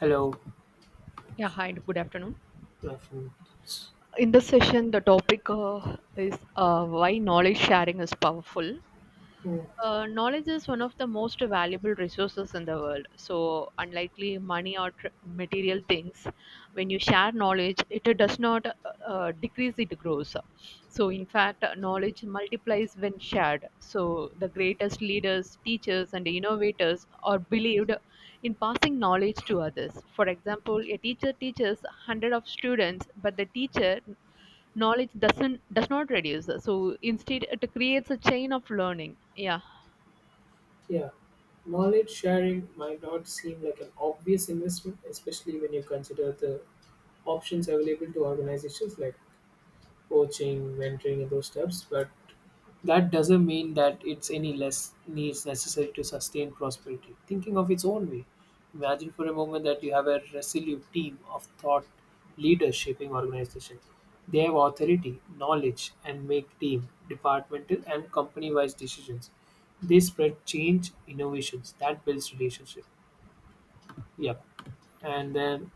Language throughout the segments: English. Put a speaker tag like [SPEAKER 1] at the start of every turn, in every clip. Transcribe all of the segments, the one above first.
[SPEAKER 1] Hello,
[SPEAKER 2] Yeah, hi, and good afternoon.
[SPEAKER 1] my friends.
[SPEAKER 2] In this session, the topic is why knowledge sharing is powerful. Knowledge is one of the most valuable resources in the world. So, unlikely money or material things, when you share knowledge, it does not decrease, it grows. So, in fact, knowledge multiplies when shared. So, the greatest leaders, teachers, and innovators are believed in passing knowledge to others. For example, a teacher teaches 100 of students, but the teacher knowledge does not reduce, so instead it creates a chain of learning. Yeah,
[SPEAKER 1] Yeah, knowledge sharing might not seem like an obvious investment, especially when you consider the options available to organizations like coaching, mentoring, and those steps, but that doesn't mean that it's any less needs necessary to sustain prosperity. Thinking of its own way. Imagine for a moment that you have a resolute team of thought leaders shaping organization. They have authority, knowledge, and make team, departmental, and company wise decisions. They spread change, innovations that builds relationship. Yep. And then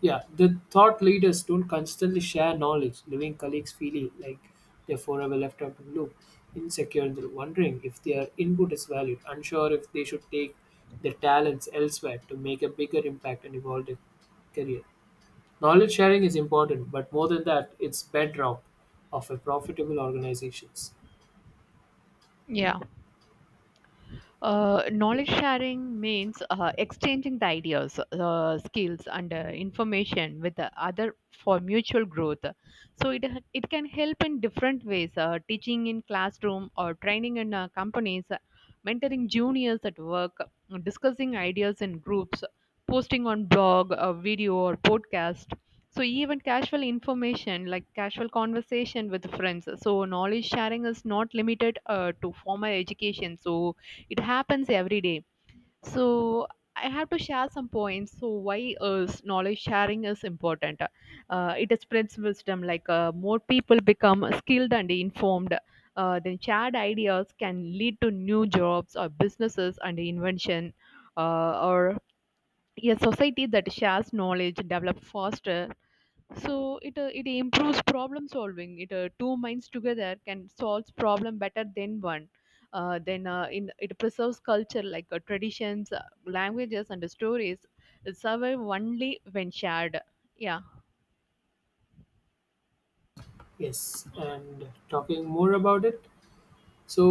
[SPEAKER 1] yeah, the thought leaders don't constantly share knowledge, leaving colleagues feeling like they're forever left out of the loop, insecure and wondering if their input is valued, unsure if they should take their talents elsewhere to make a bigger impact and evolve their career. Knowledge sharing is important, but more than that, it's bedrock of a profitable organizations.
[SPEAKER 2] yeah. Knowledge sharing means exchanging the ideas, skills, and information with the other for mutual growth. So it can help in different ways: teaching in classroom or training in companies, mentoring juniors at work, discussing ideas in groups, posting on blog, video, or podcast. So even casual information like casual conversation with friends. So knowledge sharing is not limited to formal education. So it happens every day. So I have to share some points. So why is knowledge sharing is important? It spreads wisdom, like more people become skilled and informed. Then shared ideas can lead to new jobs or businesses and invention, or a society that shares knowledge develop faster. So it improves problem solving. It Two minds together can solve problem better than one. Then In it preserves culture, like traditions, languages, and stories. It survive only when shared. Yeah.
[SPEAKER 1] Yes, and talking more about it, so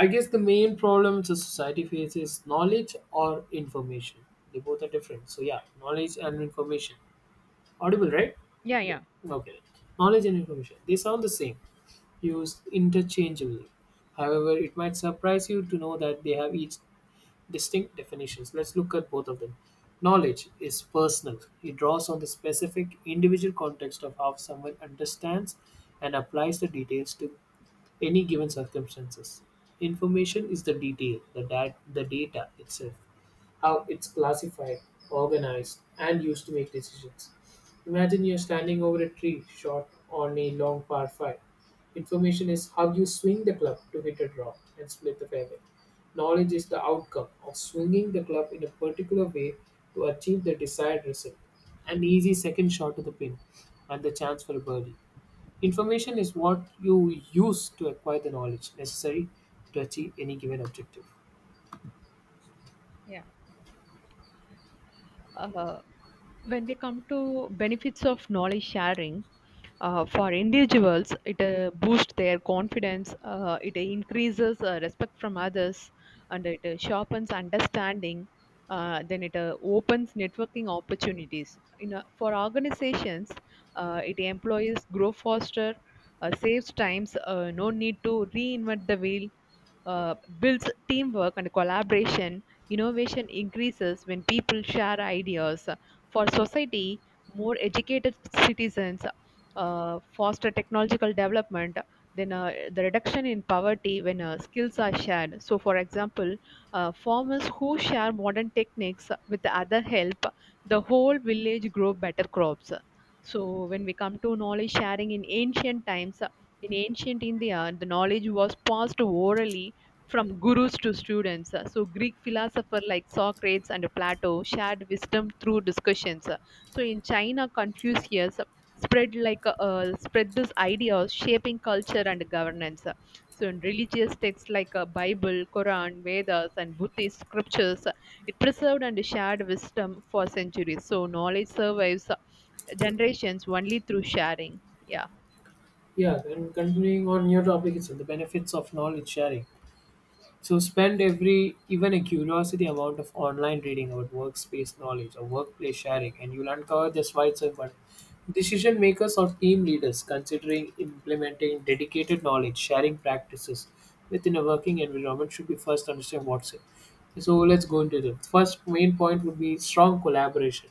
[SPEAKER 1] I guess the main problem the society faces is knowledge or information. They both are different. So yeah, knowledge and information. Audible, right?
[SPEAKER 2] Yeah,
[SPEAKER 1] Yeah.
[SPEAKER 2] yeah,
[SPEAKER 1] Okay. Knowledge and information. They sound the same, used interchangeably. However, it might surprise you to know that they have each distinct definitions. Let's look at both of them. Knowledge is personal. It draws on the specific individual context of how someone understands and applies the details to any given circumstances. Information is the detail, the, the data itself, how it's classified, organized, and used to make decisions. Imagine you're standing over a tree shot on a long par 5. Information is how you swing the club to hit a draw and split the fairway. Knowledge is the outcome of swinging the club in a particular way to achieve the desired result. An easy second shot to the pin and the chance for a birdie. Information is what you use to acquire the knowledge necessary to achieve any given objective.
[SPEAKER 2] yeah. Uh, when we come to benefits of knowledge sharing, for individuals it boosts their confidence, it increases respect from others, and it sharpens understanding. Then it opens networking opportunities, you know, for organizations, it employees grow faster, saves times, no need to reinvent the wheel, uh, builds teamwork and collaboration, innovation increases when people share ideas. For society, more educated citizens, foster technological development, then the reduction in poverty when skills are shared. So, for example, farmers who share modern techniques with the other help, the whole village grow better crops. So, when we come to knowledge sharing in ancient times, in ancient India, the knowledge was passed orally from gurus to students. So, Greek philosopher like Socrates and Plato shared wisdom through discussions. So, in China, Confucius spread like spread this idea of shaping culture and governance. So, in religious texts like Bible, Quran, Vedas, and Buddhist scriptures, it preserved and shared wisdom for centuries. So, knowledge survives generations only through sharing. Yeah.
[SPEAKER 1] Yeah, and continuing on your topic, it's the benefits of knowledge sharing. So spend every even a curiosity amount of online reading about workspace knowledge or workplace sharing, and you'll uncover the wide of decision makers or team leaders considering implementing dedicated knowledge sharing practices within a working environment should be first understand what's it. So let's go into the first main point would be strong collaboration.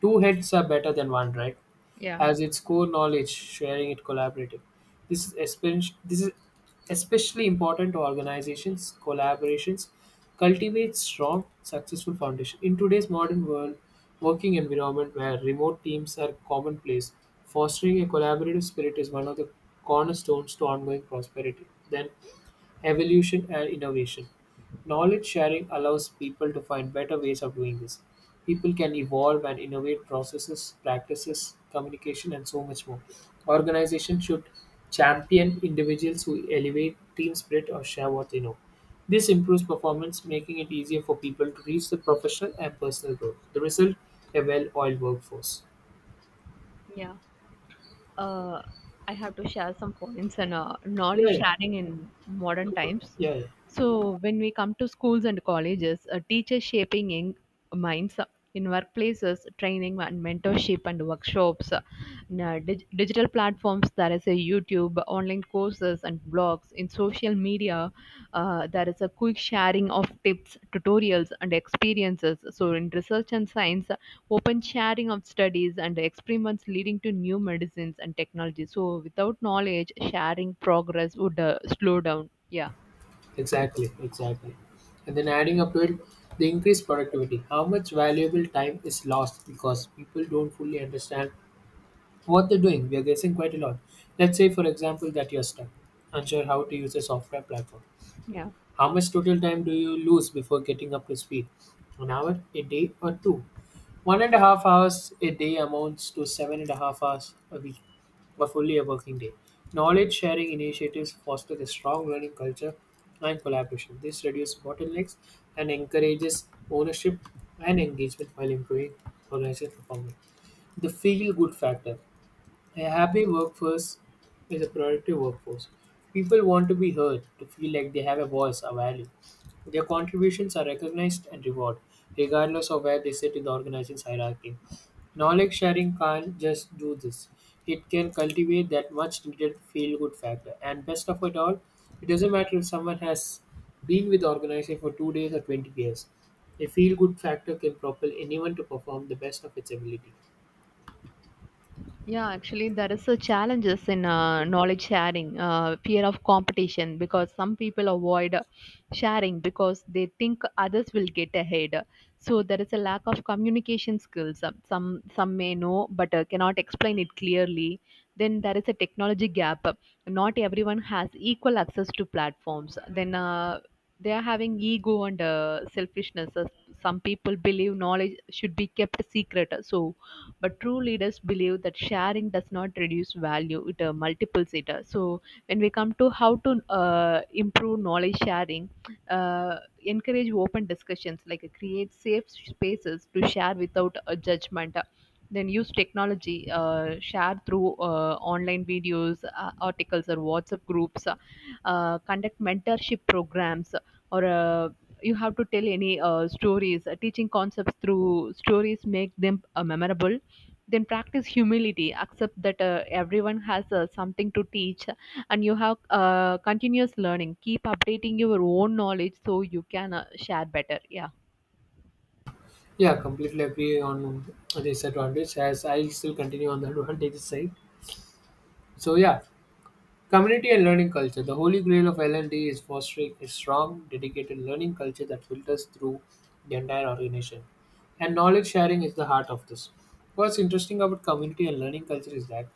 [SPEAKER 1] Two heads are better than one, right?
[SPEAKER 2] Yeah.
[SPEAKER 1] Has its core knowledge, sharing it collaborative. This is especially important to organizations, collaborations, cultivate strong, successful foundation. In today's modern world, working environment where remote teams are commonplace, fostering a collaborative spirit is one of the cornerstones to ongoing prosperity. Then evolution and innovation. Knowledge sharing allows people to find better ways of doing this. People can evolve and innovate processes, practices, communication, and so much more. Organizations should champion individuals who elevate team spirit or share what they know. This improves performance, making it easier for people to reach the professional and personal growth. The result a well oiled workforce.
[SPEAKER 2] Yeah. uh, I have to share some points, and knowledge
[SPEAKER 1] Yeah,
[SPEAKER 2] sharing in modern times.
[SPEAKER 1] yeah, yeah.
[SPEAKER 2] So when we come to schools and colleges, teachers shaping in minds, in workplaces, training and mentorship and workshops, digital platforms. There is a YouTube, online courses and blogs. In social media, there is a quick sharing of tips, tutorials and experiences. So in research and science, open sharing of studies and experiments leading to new medicines and technology. So without knowledge, sharing progress would slow down. Yeah.
[SPEAKER 1] Exactly, exactly. And then adding up to it, the increased productivity. How much valuable time is lost because people don't fully understand what they're doing. We are guessing quite a lot. Let's say, for example, that you're stuck, unsure how to use a software platform.
[SPEAKER 2] Yeah.
[SPEAKER 1] How much total time do you lose before getting up to speed? An hour, a day, or two? 1.5 hours a day amounts to 7.5 hours a week, or fully a working day. Knowledge sharing initiatives foster a strong learning culture and collaboration. This reduces bottlenecks and encourages ownership and engagement while improving organizational performance. The feel good factor. A happy workforce is a productive workforce. People want to be heard, to feel like they have a voice, a value. Their contributions are recognized and rewarded, regardless of where they sit in the organization's hierarchy. Knowledge sharing can't just do this. It can cultivate that much needed feel good factor. And best of it all, it doesn't matter if someone has been with the organization for 2 days or 20 years. A feel good factor can propel anyone to perform the best of its ability.
[SPEAKER 2] Yeah, actually, there is a challenges in knowledge sharing, fear of competition, because some people avoid sharing because they think others will get ahead. So there is a lack of communication skills. Some may know but cannot explain it clearly. Then there is a technology gap. Not everyone has equal access to platforms. Then they are having ego and selfishness. Some people believe knowledge should be kept secret. So but true leaders believe that sharing does not reduce value, it multiples it. So when we come to how to uh, improve knowledge sharing, uh, encourage open discussions, like create safe spaces to share without a judgment, then use technology, share through online videos, articles or WhatsApp groups, conduct mentorship programs, or you have to tell any stories. Teaching concepts through stories make them memorable. Then practice humility. Accept that everyone has something to teach, and you have continuous learning. Keep updating your own knowledge so you can share better. Yeah.
[SPEAKER 1] Yeah, completely agree on this advantage as I'll still continue on the advantage side. So yeah, community and learning culture. The holy grail of L&D is fostering a strong, dedicated learning culture that filters through the entire organization. And knowledge sharing is the heart of this. What's interesting about community and learning culture is that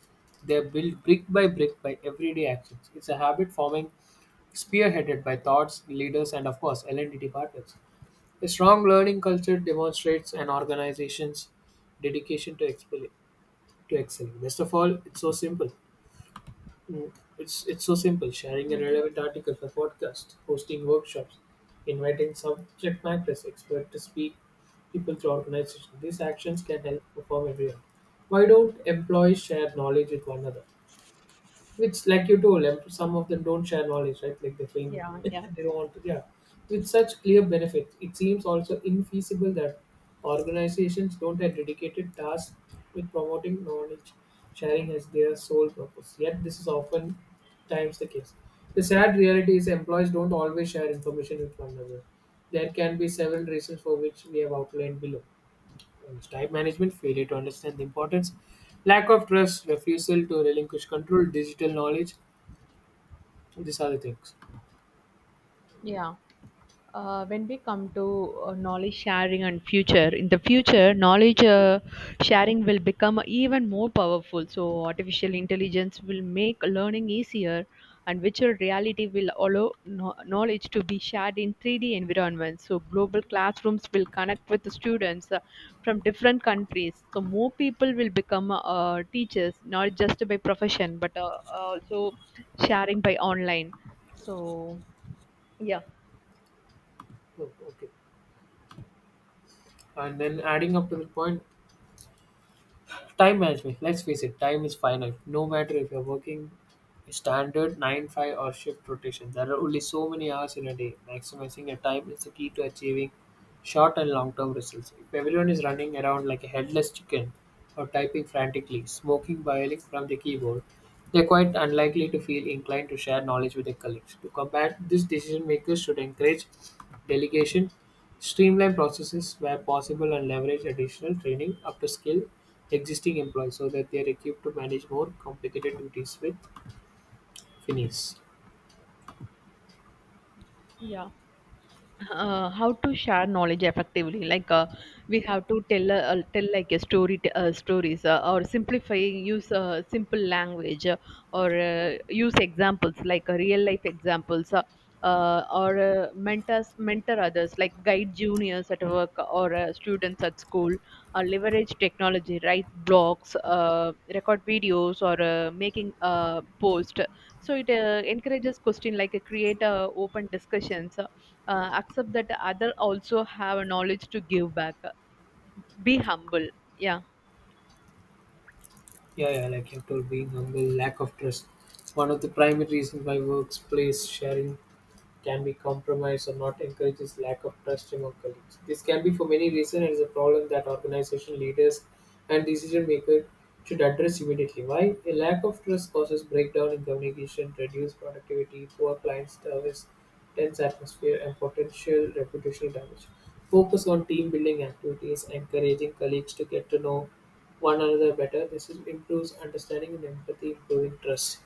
[SPEAKER 1] they are built brick by brick by everyday actions. It's a habit forming spearheaded by thoughts, leaders, and of course L&D departments. A strong learning culture demonstrates an organization's dedication to excelling. To excelling. Best of all, it's so simple. It's so simple. Sharing a relevant article for podcast, hosting workshops, inviting subject matter expert to speak, people to organization. These actions can help perform everyone. Why don't employees share knowledge with one another? Which, like you told, some of them don't share knowledge, right? Like they think
[SPEAKER 2] Yeah, yeah.
[SPEAKER 1] they don't want to. Yeah, with such clear benefits, it seems also infeasible that organizations don't have dedicated tasks with promoting knowledge sharing as their sole purpose. Yet, this is often times the case. The sad reality is employees don't always share information with one another. There can be several reasons for which we have outlined below. Whereas time management, failure to understand the importance, lack of trust, refusal to relinquish control, digital knowledge. These are the things.
[SPEAKER 2] Yeah. When we come to knowledge sharing and future, in the future knowledge sharing will become even more powerful. So artificial intelligence will make learning easier and virtual reality will allow knowledge to be shared in 3D environments. So global classrooms will connect with the students from different countries. So more people will become teachers, not just by profession but also sharing by online. So yeah.
[SPEAKER 1] Oh, okay. And then adding up to the point, time management. Let's face it, time is finite. No matter if you're working standard 9-5 or shift rotation, there are only so many hours in a day. Maximizing your time is the key to achieving short and long-term results. If everyone is running around like a headless chicken or typing frantically, smoking violently from the keyboard, they're quite unlikely to feel inclined to share knowledge with their colleagues. To combat this, decision makers should encourage delegation, streamline processes where possible, and leverage additional training up to skill existing employees so that they are equipped to manage more complicated duties with finesse.
[SPEAKER 2] Yeah. How to share knowledge effectively, like we have to tell tell like a stories, or simplify use simple language, or use examples, like real life examples, or mentor others, like guide juniors at work or students at school, or leverage technology, write blogs, record videos, or making post. So it encourages question, like create open discussions, accept that other also have a knowledge to give back, be humble. Yeah.
[SPEAKER 1] Yeah, yeah, like you have told being humble, lack of trust. One of the primary reasons why workplace sharing can be compromised or not encourages lack of trust among colleagues. This can be for many reasons and is a problem that organization leaders and decision makers should address immediately. Why? A lack of trust causes breakdown in communication, reduced productivity, poor client service, tense atmosphere, and potential reputational damage. Focus on team building activities, encouraging colleagues to get to know one another better. Improves understanding and empathy, improving trust.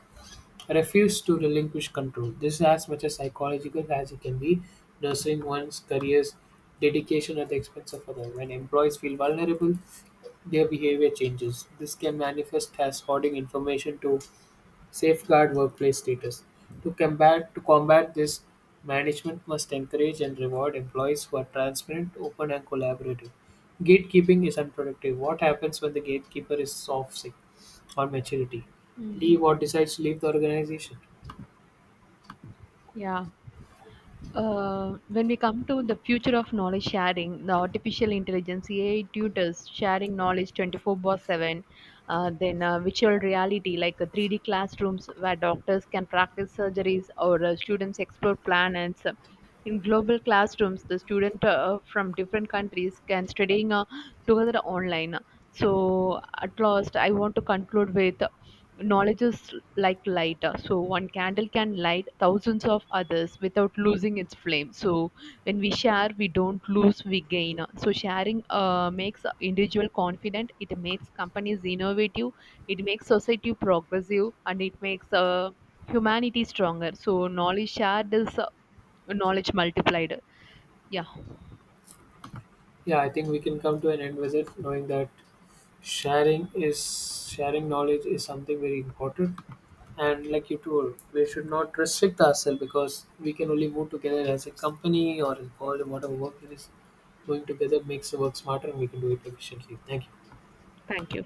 [SPEAKER 1] Refuse to relinquish control. This is as much as psychological as it can be, nurturing one's career's dedication at the expense of others. When employees feel vulnerable, their behavior changes. This can manifest as hoarding information to safeguard workplace status. To combat this, management must encourage and reward employees who are transparent, open, and collaborative. Gatekeeping is unproductive. What happens when the gatekeeper is off sick or maturity?
[SPEAKER 2] Mm.
[SPEAKER 1] Leave or decides to leave the organization.
[SPEAKER 2] Yeah. When we come to the future of knowledge sharing, the artificial intelligence, AI tutors sharing knowledge 24 by 7, then virtual reality, like 3D classrooms where doctors can practice surgeries or students explore planets. In global classrooms, the student from different countries can studying together online. So at last, I want to conclude with: knowledge is like lighter, so one candle can light thousands of others without losing its flame. So when we share, we don't lose, we gain. So sharing makes individual confident. It makes companies innovative. It makes society progressive, and it makes humanity stronger. So knowledge shared is knowledge multiplied. Yeah.
[SPEAKER 1] Yeah, I think we can come to an end with it, knowing that sharing knowledge is something very important. And like you told, we should not restrict ourselves because we can only move together as a company or as world and whatever work it is. Doing together makes the work smarter and we can do it efficiently. Thank you.
[SPEAKER 2] Thank you.